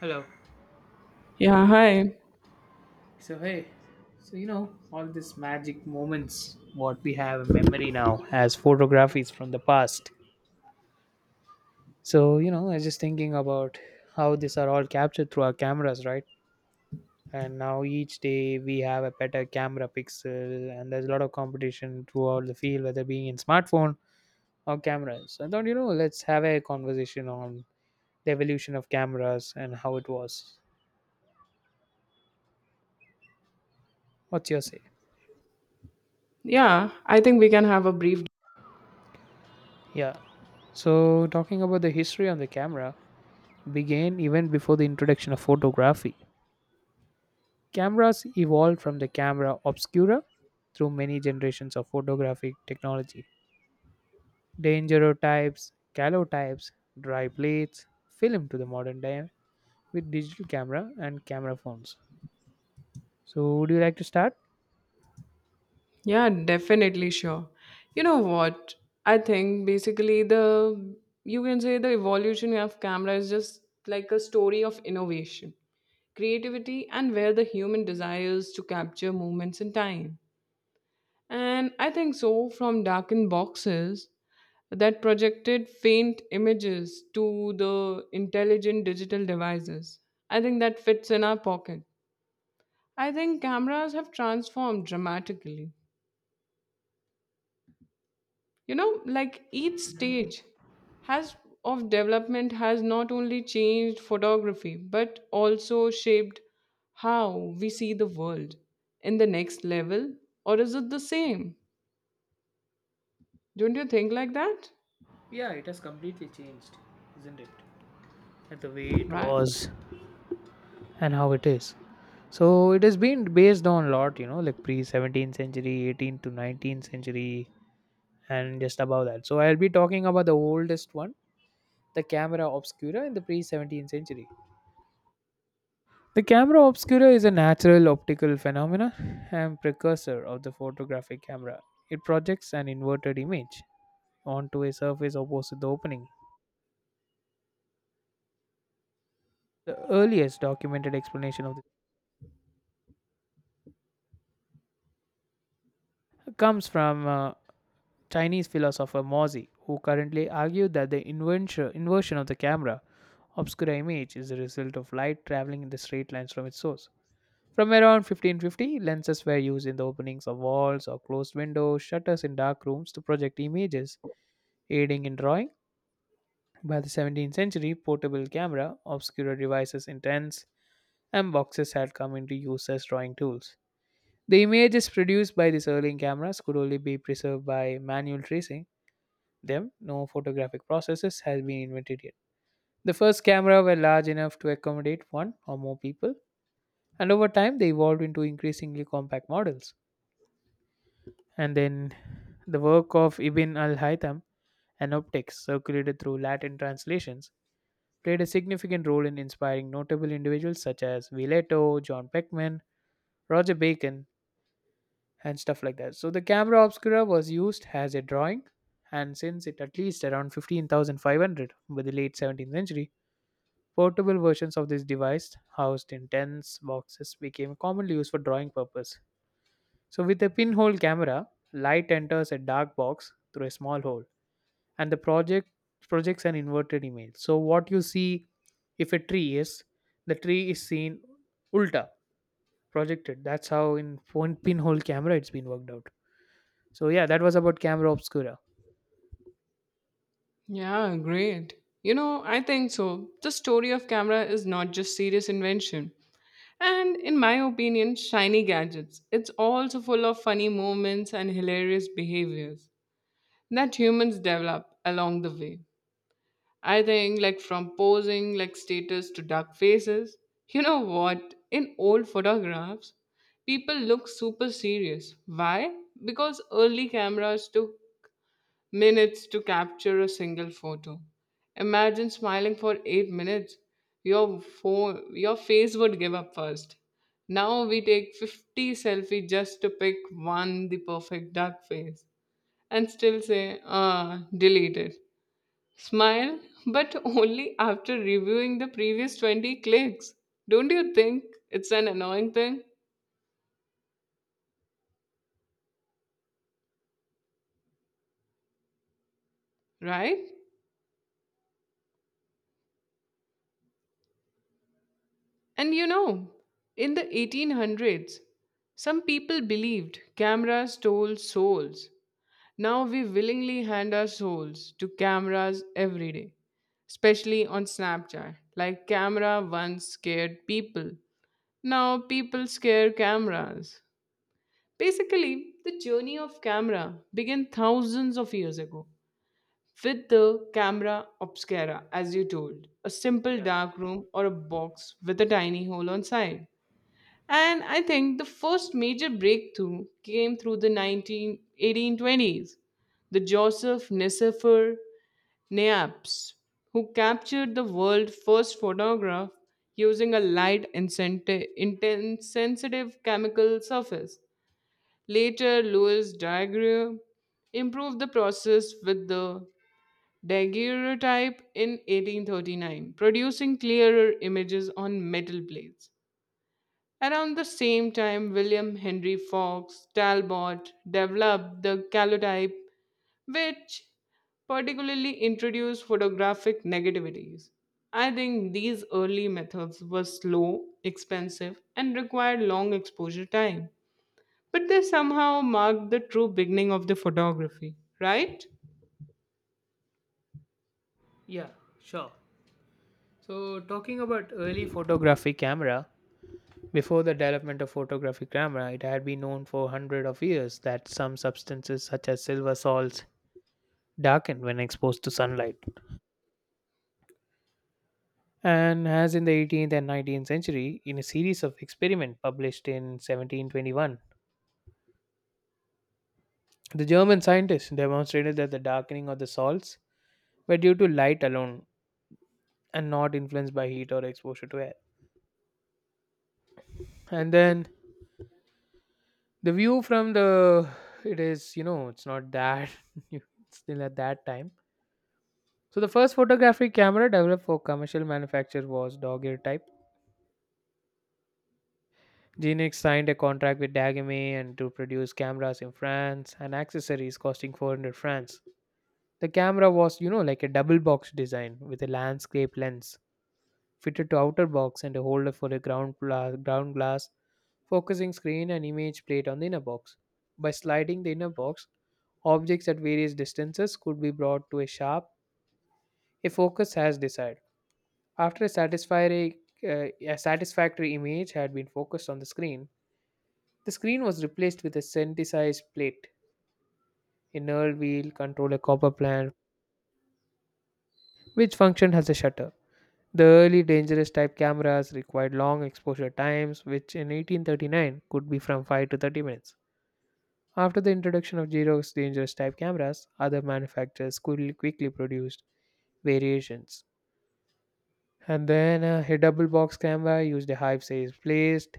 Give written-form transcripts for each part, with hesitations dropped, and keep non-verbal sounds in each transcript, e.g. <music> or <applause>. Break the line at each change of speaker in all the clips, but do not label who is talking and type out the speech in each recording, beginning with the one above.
Hello.
Yeah, hi.
So hey, so all these magic moments what we have in memory now as photographies from the past. So I was just thinking about how these are all captured through our cameras, right? And now each day we have a better camera pixel, and there's a lot of competition throughout the field, whether being in smartphone or cameras. I thought let's have a conversation on the evolution of cameras and how it was. What's your say?
Yeah, I think we can have a brief.
Yeah. So talking about the history on the camera, began even before the introduction of photography. Cameras evolved from the camera obscura through many generations of photographic technology. Dangerotypes, calotypes, dry plates, film to the modern day with digital camera and camera phones. So, would you like to start?
Yeah, definitely sure. You know what? I think basically the you can say the evolution of camera is just like a story of innovation, creativity and where the human desires to capture moments in time. And I think so from darkened boxes that projected faint images to the intelligent digital devices. I think that fits in our pocket. I think cameras have transformed dramatically. You know, like each stage has of development has not only changed photography but also shaped how we see the world in the next level, or is it the same? Don't you think like that?
Yeah, it has completely changed, isn't it? And the way it
Right.
was and how it is. So it has been based on a lot, like pre 17th century, 18th to 19th century, and just above that. So I'll be talking about the oldest one, the camera obscura in the pre-17th century. The camera obscura is a natural optical phenomena and precursor of the photographic camera. It projects an inverted image onto a surface opposite the opening. The earliest documented explanation of this comes from Chinese philosopher Mozi, who currently argued that the invention, inversion of the camera obscura image is the result of light traveling in the straight lines from its source. From around 1550, lenses were used in the openings of walls or closed windows, shutters in dark rooms to project images, aiding in drawing. By the 17th century, portable camera, obscurer devices in tents, and boxes had come into use as drawing tools. The images produced by these early cameras could only be preserved by manual tracing them. No photographic processes had been invented yet. The first camera were large enough to accommodate one or more people, and over time they evolved into increasingly compact models. And then the work of Ibn al-Haytham and optics circulated through Latin translations played a significant role in inspiring notable individuals such as Villeto, John Peckman, Roger Bacon, and stuff like that. So the camera obscura was used as a drawing, and since it at least around 15,500 by the late 17th century, portable versions of this device housed in tents boxes became commonly used for drawing purpose. So, with a pinhole camera, light enters a dark box through a small hole, and the project projects an inverted image. So, what you see if a tree is, the tree is seen ulta projected. That's how in one pinhole camera it's been worked out. So, yeah, that was about camera obscura.
Yeah, great. You know, I think so. The story of camera is not just serious invention and, in my opinion, shiny gadgets. It's also full of funny moments and hilarious behaviors that humans develop along the way. I think, like from posing like status to dark faces. You know what? In old photographs, people look super serious. Why? Because early cameras took minutes to capture a single photo. Imagine smiling for 8 minutes. Your phone, your face would give up first. Now we take 50 selfies just to pick one, the perfect duck face, and still say, ah, delete it. Smile, but only after reviewing the previous 20 clicks. Don't you think it's an annoying thing, right? And you know, in the 1800s, some people believed cameras stole souls. Now we willingly hand our souls to cameras every day, especially on Snapchat. Like, camera once scared people. Now people scare cameras. Basically, the journey of camera began thousands of years ago with the camera obscura, as you told, a simple
Yeah,
dark room or a box with a tiny hole on side. And I think the first major breakthrough came through the 191820s. The Joseph Nicephore Neaps, who captured the world's first photograph using a light intense sensitive chemical surface. Later, Louis Daguerre improved the process with the daguerreotype in 1839, producing clearer images on metal plates. Around the same time, William Henry Fox Talbot developed the calotype, which particularly introduced photographic negativities. I think these early methods were slow, expensive, and required long exposure time, but they somehow marked the true beginning of the photography, right?
yeah, sure. So, talking about early photography camera, before the development of photographic camera, it had been known for hundreds of years that some substances such as silver salts darken when exposed to sunlight. And as in the 18th and 19th century, in a series of experiments published in 1721, the German scientists demonstrated that the darkening of the salts were due to light alone and not influenced by heat or exposure to air. And then the view from the it is it's not that <laughs> you- it's still at that time. So the first photographic camera developed for commercial manufacture was Daguerre type. Genix signed a contract with Dagame and to produce cameras in France and accessories costing 400 francs. The camera was, like a double box design with a landscape lens fitted to outer box and a holder for a ground glass focusing screen and image plate on the inner box. By sliding the inner box, objects at various distances could be brought to a sharp a focus has desired. After a a satisfactory image had been focused on the screen was replaced with a synthesized plate, a knurled wheel, controller copper plant, which functioned as a shutter. The early dangerous type cameras required long exposure times, which in 1839 could be from 5 to 30 minutes. After the introduction of Xerox dangerous type cameras, other manufacturers quickly produced variations. And then a double box camera used a hive size placed.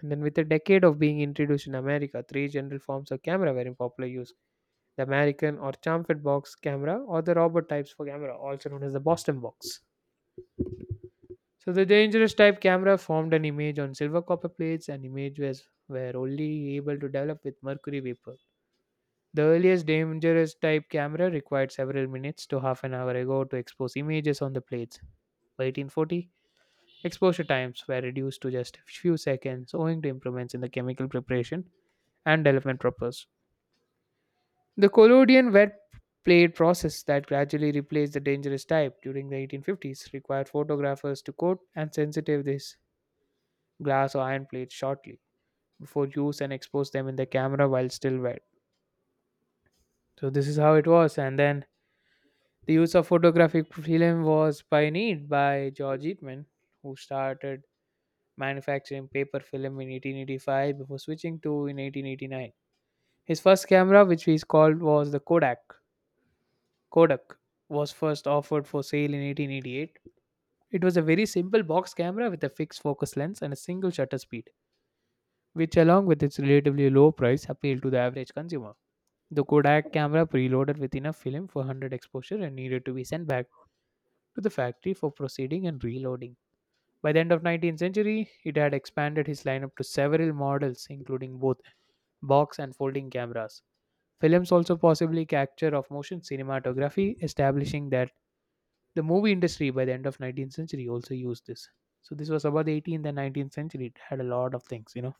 And then, with a decade of being introduced in America, three general forms of camera were in popular use: the American or chamfered box camera, or the Robert types for camera, also known as the Boston box. So, the dangerous type camera formed an image on silver copper plates, and images were only able to develop with mercury vapor. The earliest dangerous type camera required several minutes to half an hour ago to expose images on the plates. By 1840, exposure times were reduced to just a few seconds owing to improvements in the chemical preparation and development process. The collodion wet plate process that gradually replaced the dangerous type during the 1850s required photographers to coat and sensitive these glass or iron plates shortly before use and expose them in the camera while still wet. So this is how it was. And then the use of photographic film was pioneered by George Eastman, who started manufacturing paper film in 1885 before switching to in 1889. His first camera, which he called was the Kodak, Kodak was first offered for sale in 1888. It was a very simple box camera with a fixed focus lens and a single shutter speed, which along with its relatively low price appealed to the average consumer. The Kodak camera preloaded with enough film for 100 exposure and needed to be sent back to the factory for proceeding and reloading. By the end of 19th century, it had expanded his lineup to several models including both box and folding cameras. Films also possibly capture of motion cinematography, establishing that the movie industry by the end of 19th century also used this. So this was about the 18th and 19th century. It had a lot of things.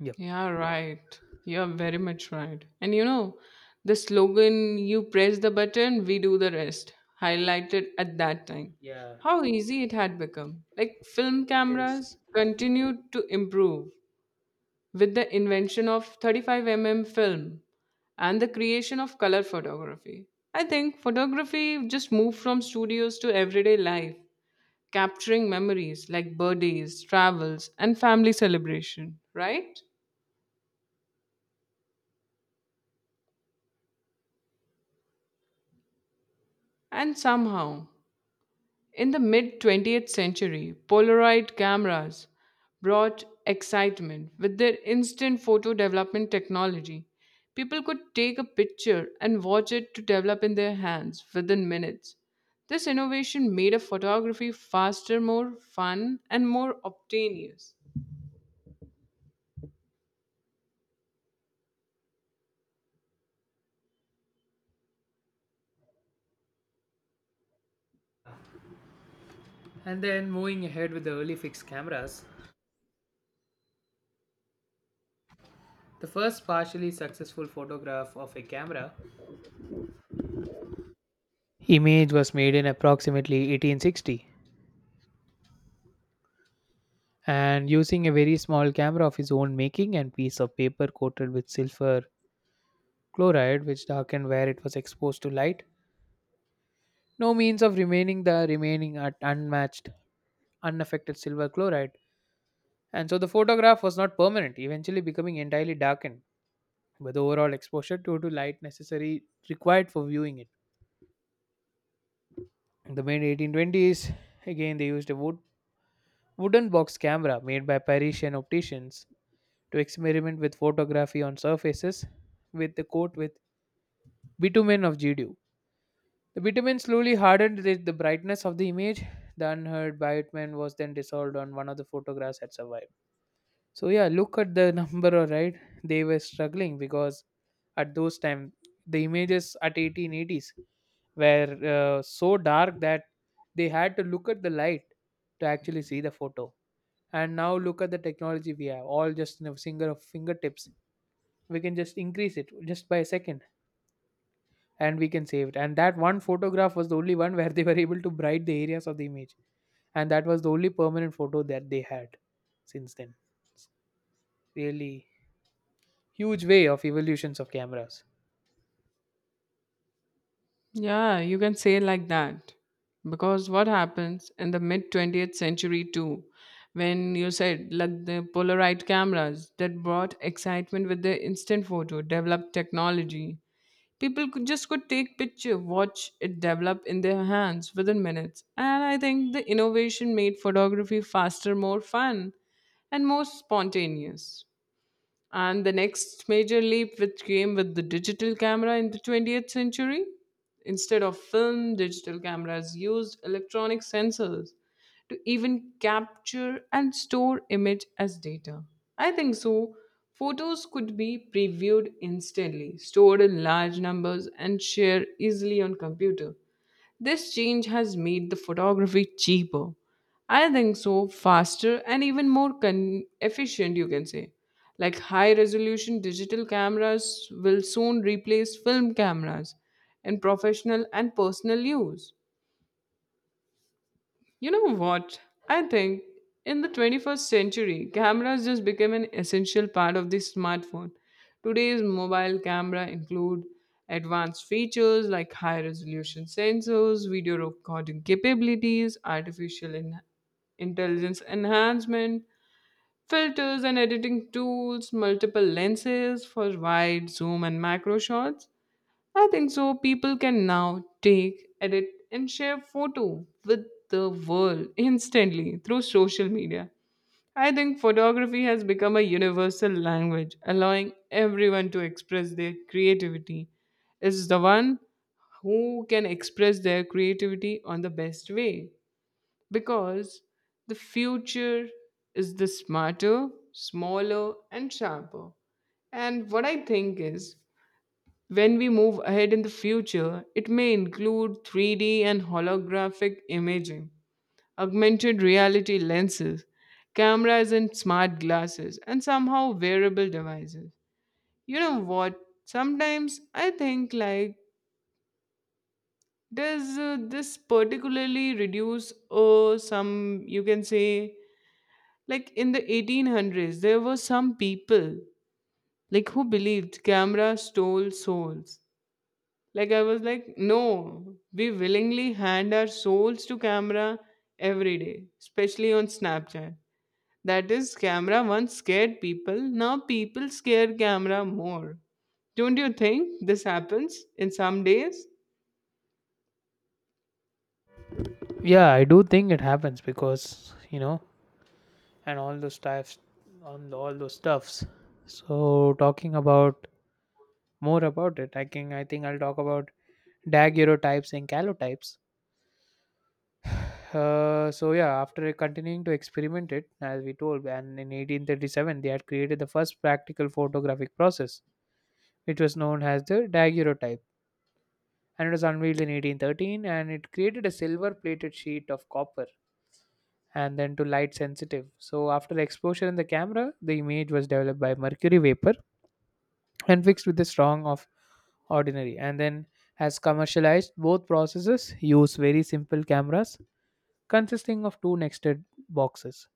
Yep.
Yeah, right. You're very much right. And you know, the slogan, you press the button, we do the rest, highlighted at that time.
Yeah,
How easy it had become. Like film
it is.
cameras continued to improve with the invention of 35 mm film and the creation of color photography. I think photography just moved from studios to everyday life, capturing memories like birthdays, travels, and family celebration, right? And somehow, in the mid 20th century, Polaroid cameras brought excitement with their instant photo development technology. People could take a picture and watch it to develop in their hands within minutes. This innovation made a photography faster, more fun, and more obtainious.
And then moving ahead with the early fixed cameras, the first partially successful photograph of a camera image was made in approximately 1860 and using a very small camera of his own making and piece of paper coated with silver chloride, which darkened where it was exposed to light. No means of remaining the remaining at unmatched, unaffected silver chloride, and so the photograph was not permanent, eventually becoming entirely darkened by the overall exposure due to light necessary required for viewing it. In the mid 1820s, again they used a wooden box camera made by Parisian opticians to experiment with photography on surfaces with the coat with bitumen of GD. The bitumen slowly hardened the brightness of the image. The unheard bitumen was then dissolved on one of the photographs that survived. So yeah, look at the <laughs> number, all right. They were struggling because at those time the images at 1880s were so dark that they had to look at the light to actually see the photo. And now look at the technology we have, all just in a single fingertips. We can just increase it just by a second and we can save it. And that one photograph was the only one where they were able to bright the areas of the image, and that was the only permanent photo that they had since then. It's really huge way of evolutions of cameras.
Yeah, you can say like that. Because what happens in the mid 20th century too, when you said like the Polaroid cameras that brought excitement with the instant photo, developed technology. People could just could take picture, watch it develop in their hands within minutes. And I think the innovation made photography faster, more fun, and more spontaneous. And the next major leap, which came with the digital camera in the 20th century, instead of film, digital cameras used electronic sensors to even capture and store image as data. I think so. Photos could be previewed instantly, stored in large numbers, and shared easily on computer. This change has made the photography cheaper, I think so, faster and even more efficient, you can say. Like high resolution digital cameras will soon replace film cameras in professional and personal use. You know what? I think in the 21st century, cameras just became an essential part of the smartphone. Today's mobile camera include advanced features like high resolution sensors, video recording capabilities, artificial intelligence enhancement, filters and editing tools, multiple lenses for wide, zoom and macro shots. I think so. People can now take, edit, and share photo with the world <laughs> instantly through social media. I think photography has become a universal language, allowing everyone to express their creativity. Is the one who can express their creativity on the best way, because the future is the smarter, smaller, and sharper. And what I think is, when we move ahead in the future, it may include 3D and holographic imaging, augmented reality lenses, cameras and smart glasses, and somehow wearable devices. You know what? Sometimes I think like does this particularly reduce some, you can say, like in the 1800s there were some people like who believed camera stole souls. Like I was like, no, we willingly hand our souls to camera every day, especially on Snapchat. That is, camera once scared people. Now people scare camera more. Don't you think this happens in some days?
Yeah, I do think it happens because and all those stuffs, on all those stuffs. So talking about more about it, I think I'll talk about daguerreotypes and calotypes. So yeah, after continuing to experiment it, as we told, and in 1837 they had created the first practical photographic process, which was known as the daguerreotype, and it was unveiled in 1813, and it created a silver-plated sheet of copper, and then to light sensitive. So after exposure in the camera, the image was developed by mercury vapor and fixed with the strong of ordinary, and then has commercialized both processes. Use very simple cameras consisting of two nested boxes.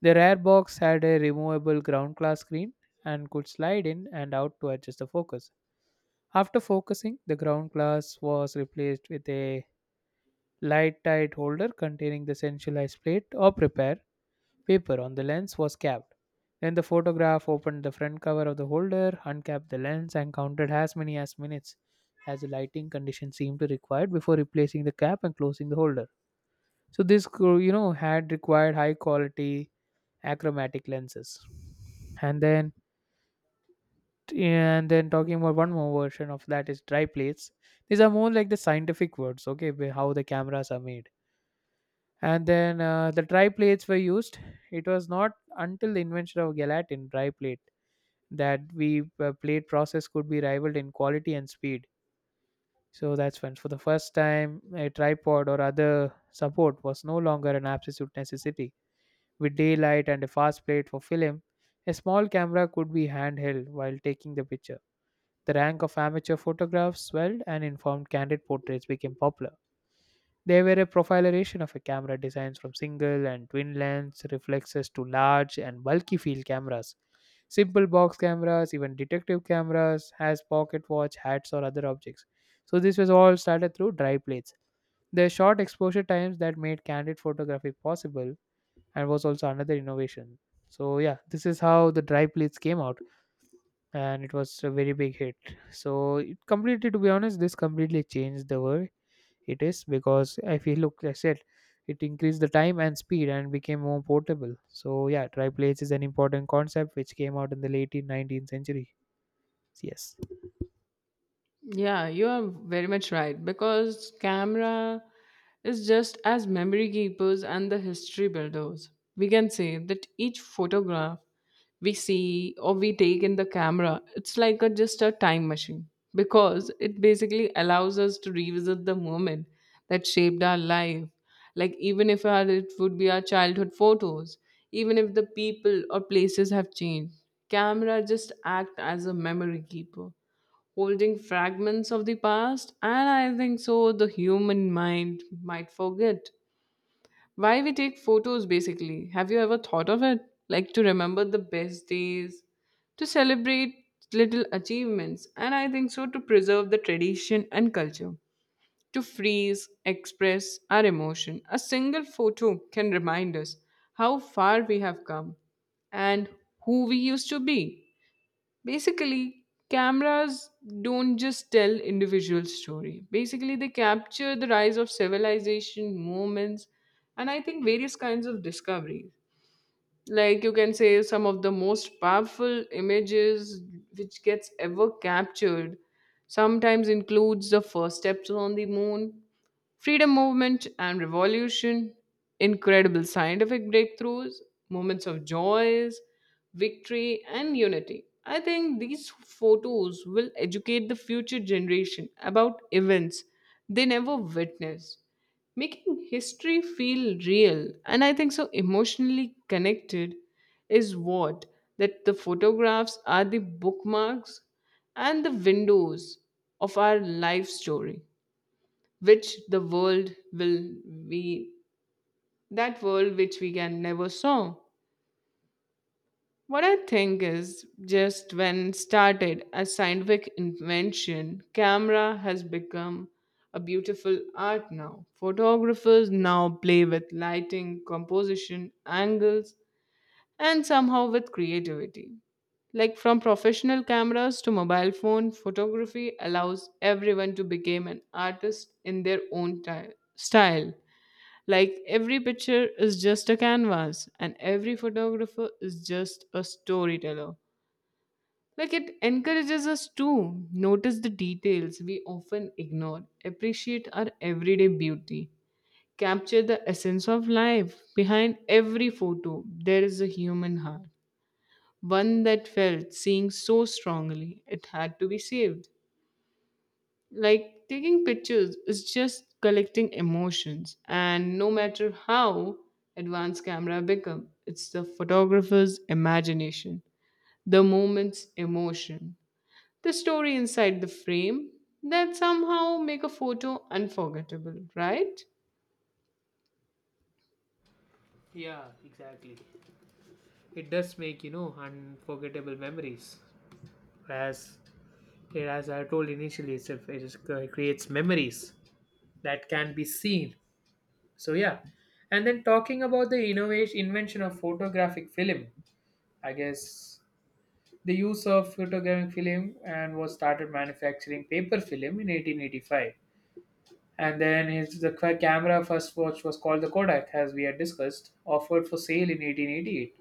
The rare box had a removable ground glass screen and could slide in and out to adjust the focus. After focusing, the ground glass was replaced with a light tight holder containing the centralized plate or prepare paper on the lens was capped. Then the photograph opened the front cover of the holder, uncapped the lens, and counted as many as minutes as the lighting condition seemed to require before replacing the cap and closing the holder. So this had required high quality achromatic lenses and then yeah, and then talking about one more version of that is dry plates. These are more like the scientific words. Okay, how the cameras are made. And then the dry plates were used. It was not until the invention of gelatin dry plate that we plate process could be rivaled in quality and speed. So that's when for the first time a tripod or other support was no longer an absolute necessity. With daylight and a fast plate for film, a small camera could be handheld while taking the picture. The rank of amateur photographs swelled and informed candid portraits became popular. They were a profilation of a camera designs from single and twin lens reflexes to large and bulky field cameras. Simple box cameras, even detective cameras, has pocket watch, hats or other objects. So this was all started through dry plates. The short exposure times that made candid photography possible and was also another innovation. So yeah, this is how the dry plates came out, and it was a very big hit. So it completely, to be honest, this completely changed the way it is, because I feel, look, I said, it increased the time and speed and became more portable. So yeah, dry plates is an important concept which came out in the late 19th century. Yes.
Yeah, you are very much right because camera is just as memory keepers and the history builders. We can say that each photograph we see or we take in the camera, it's like a, just a time machine, because it basically allows us to revisit the moment that shaped our life. Like even if our, it would be our childhood photos, even if the people or places have changed, camera just act as a memory keeper holding fragments of the past, and I think so the human mind might forget. Why we take photos basically. Have you ever thought of it? Like to remember the best days, to celebrate little achievements, and I think so to preserve the tradition and culture, to freeze, express our emotion. A single photo can remind us how far we have come and who we used to be. Basically cameras don't just tell individual story, basically they capture the rise of civilization movements, and I think various kinds of discoveries. Like you can say some of the most powerful images which gets ever captured sometimes includes the first steps on the moon, freedom movement and revolution, incredible scientific breakthroughs, moments of joys, victory, and unity. I think these photos will educate the future generation about events they never witnessed, making history feel real and, I think so, emotionally connected. Is what, that the photographs are the bookmarks and the windows of our life story, which the world will be that world which we can never saw. What I think is, just when started as scientific invention, camera has become a beautiful art. Now photographers now play with lighting, composition, angles and somehow with creativity. Like from professional cameras to mobile phone, photography allows everyone to become an artist in their own style. Like every picture is just a canvas, and every photographer is just a storyteller. Like it encourages us to notice the details we often ignore, appreciate our everyday beauty, capture the essence of life. Behind every photo, there is a human heart, one that felt seeing so strongly it had to be saved. Like taking pictures is just collecting emotions, and no matter how advanced camera become, it's the photographer's imagination, the moment's emotion, the story inside the frame that somehow make a photo unforgettable, right?
Yeah, exactly. It does make, you know, unforgettable memories. As as I told initially, itself, it is, creates memories that can be seen. So yeah, and then talking about the innovation invention of photographic film, I guess the use of photographic film and was started manufacturing paper film in 1885. And then his, the camera first watch was called the Kodak, as we had discussed, offered for sale in 1888.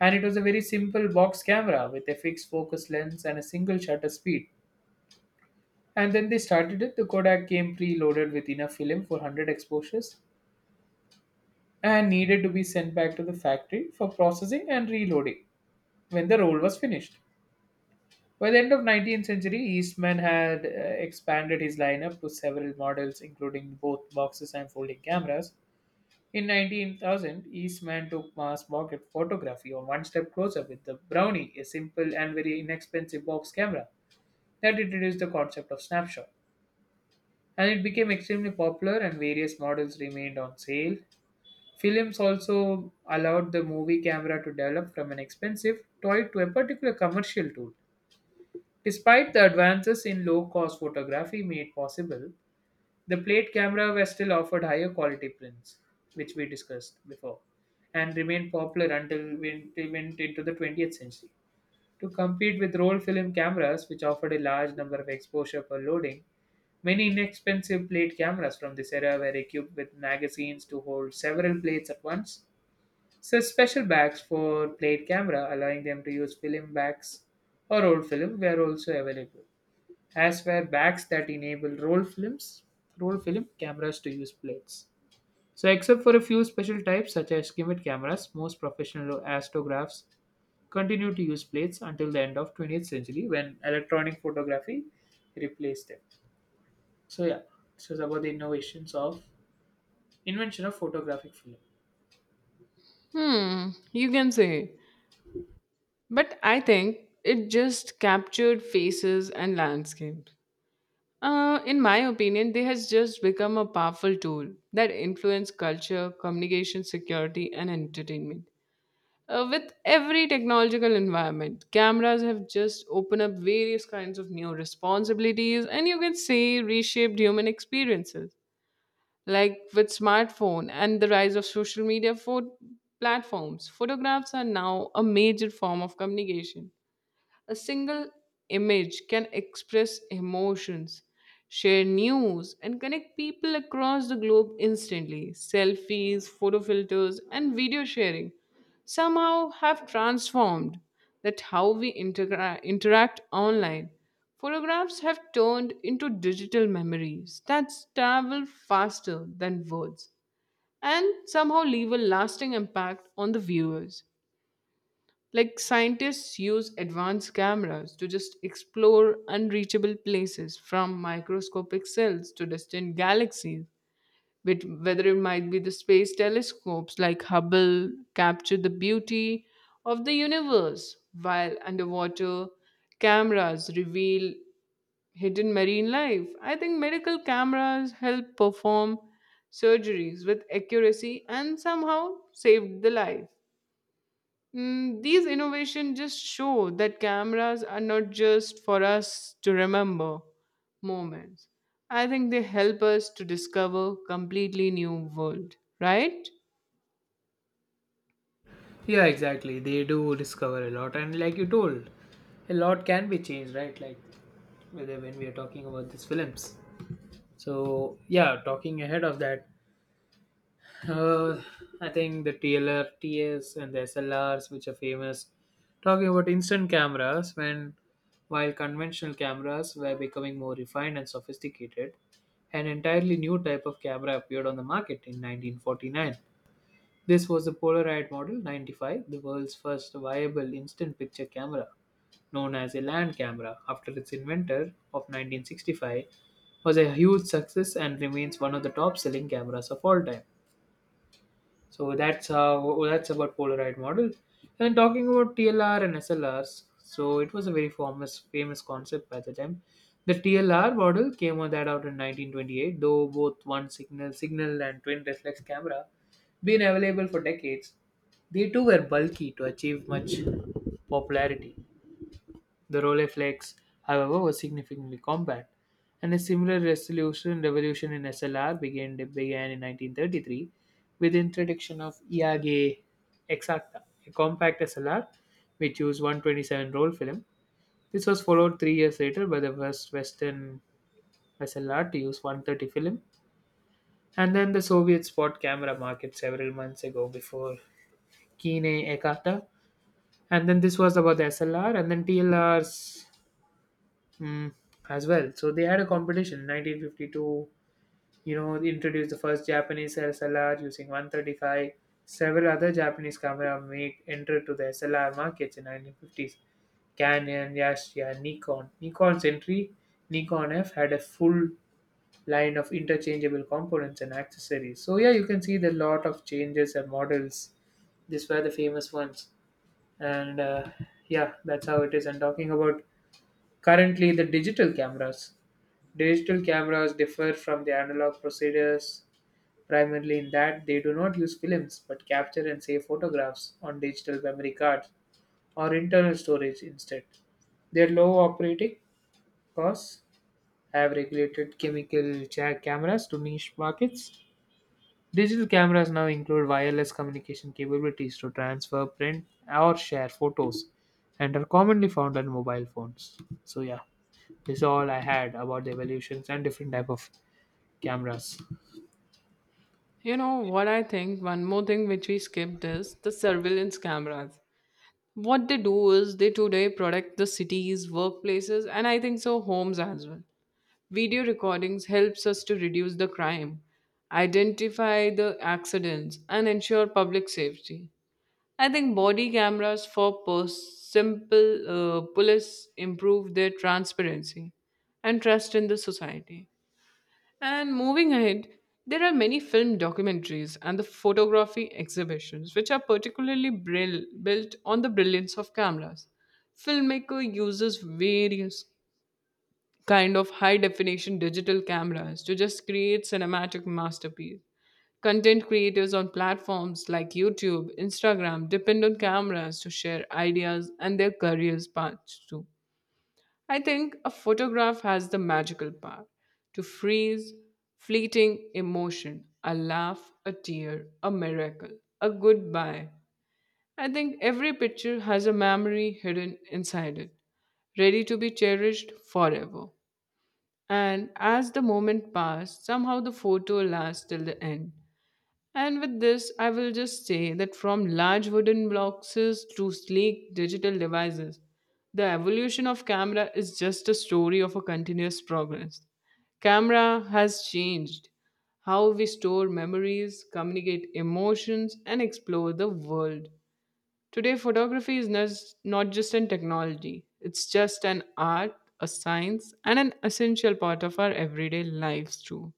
And it was a very simple box camera with a fixed focus lens and a single shutter speed. And then they started it. The Kodak came preloaded with enough film for 100 exposures and needed to be sent back to the factory for processing and reloading when the roll was finished. By the end of 19th century, Eastman had expanded his lineup to several models including both boxes and folding cameras. In 19,000, Eastman took mass market photography on one step closer with the Brownie, a simple and very inexpensive box camera that introduced the concept of snapshot. And it became extremely popular, and various models remained on sale. Films also allowed the movie camera to develop from an expensive toy to a particular commercial tool. Despite the advances in low cost photography made possible, the plate camera was still offered higher quality prints, which we discussed before, and remained popular until we went into the 20th century. To compete with roll film cameras, which offered a large number of exposure per loading, many inexpensive plate cameras from this era were equipped with magazines to hold several plates at once. So special bags for plate camera, allowing them to use film bags or roll film, were also available, as were bags that enable roll films, roll film cameras to use plates. So except for a few special types such as gimmick cameras, most professional astrographs continued to use plates until the end of 20th century when electronic photography replaced them. So yeah, this was about the innovations of invention of photographic film.
Hmm, you can say. But I think it just captured faces and landscapes. In my opinion, they has just become a powerful tool that influence culture, communication, security, and entertainment. With every technological environment, cameras have just opened up various kinds of new responsibilities, and you can say reshaped human experiences. Like with smartphone and the rise of social media for platforms, photographs are now a major form of communication. A single image can express emotions, share news, and connect people across the globe instantly. Selfies, photo filters, and video sharing somehow have transformed that how we interact online. Photographs have turned into digital memories that travel faster than words and somehow leave a lasting impact on the viewers. Like scientists use advanced cameras to just explore unreachable places from microscopic cells to distant galaxies. With whether it might be the space telescopes like Hubble capture the beauty of the universe, while underwater cameras reveal hidden marine life. I think medical cameras help perform surgeries with accuracy and somehow saved the life. Mm, these innovations just show that cameras are not just for us to remember moments. I think they help us to discover completely new world, right?
Yeah, exactly. They do discover a lot, and like you told, a lot can be changed, right? Like whether when we are talking about these films. So yeah, talking ahead of that, uh, I think the TLRTs and the SLRs, which are famous, talking about instant cameras, when while conventional cameras were becoming more refined and sophisticated, an entirely new type of camera appeared on the market in 1949. This was the Polaroid Model 95, the world's first viable instant picture camera, known as a land camera after its inventor of 1965, was a huge success and remains one of the top selling cameras of all time. So that's how, that's about Polaroid models. And talking about TLR and SLRs, so it was a very famous concept by the time. The TLR model came on that out in 1928, though both one signal and twin reflex camera been available for decades. They too were bulky to achieve much popularity. The Rolleiflex, however, was significantly compact, and a similar resolution revolution in SLR began in 1933 with the introduction of Iage Exacta, a compact SLR which used 127 roll film. This was followed 3 years later by the first Western SLR to use 130 film. And then the Soviets bought camera market several months ago before Kine Ekata. And then this was about the SLR and then TLRs, mm, as well. So they had a competition in 1952. You know, they introduced the first Japanese SLR using 135. Several other Japanese camera make entered to the SLR markets in 1950s. Canon, Yashica, Nikon. Nikon's entry, Nikon F, had a full line of interchangeable components and accessories. So yeah, you can see the lot of changes and models. These were the famous ones, and yeah, that's how it is. And talking about currently the digital cameras. Digital cameras differ from the analog procedures primarily in that they do not use films but capture and save photographs on digital memory cards or internal storage instead. Their low operating costs have regulated chemical cameras to niche markets. Digital cameras now include wireless communication capabilities to transfer, print, or share photos and are commonly found on mobile phones. So, yeah, this is all I had about the evolutions and different type of cameras.
You know what, I think one more thing which we skipped is the surveillance cameras. What they do is they today protect the cities, workplaces and I think so homes as well. Video recordings helps us to reduce the crime, identify the accidents and ensure public safety. I think body cameras for simple police improve their transparency and trust in the society. And moving ahead, there are many film documentaries and the photography exhibitions, which are particularly built on the brilliance of cameras. Filmmaker uses various kind of high definition digital cameras to just create cinematic masterpiece. Content creators on platforms like YouTube, Instagram depend on cameras to share ideas and their careers paths too. I think a photograph has the magical power to freeze fleeting emotion, a laugh, a tear, a miracle, a goodbye. I think every picture has a memory hidden inside it, ready to be cherished forever, and as the moment passed, somehow the photo lasts till the end. And with this, I will just say that from large wooden boxes to sleek digital devices, the evolution of camera is just a story of a continuous progress. Camera has changed how we store memories, communicate emotions, and explore the world. Today, photography is not just an technology, it's just an art, a science, and an essential part of our everyday lives, too.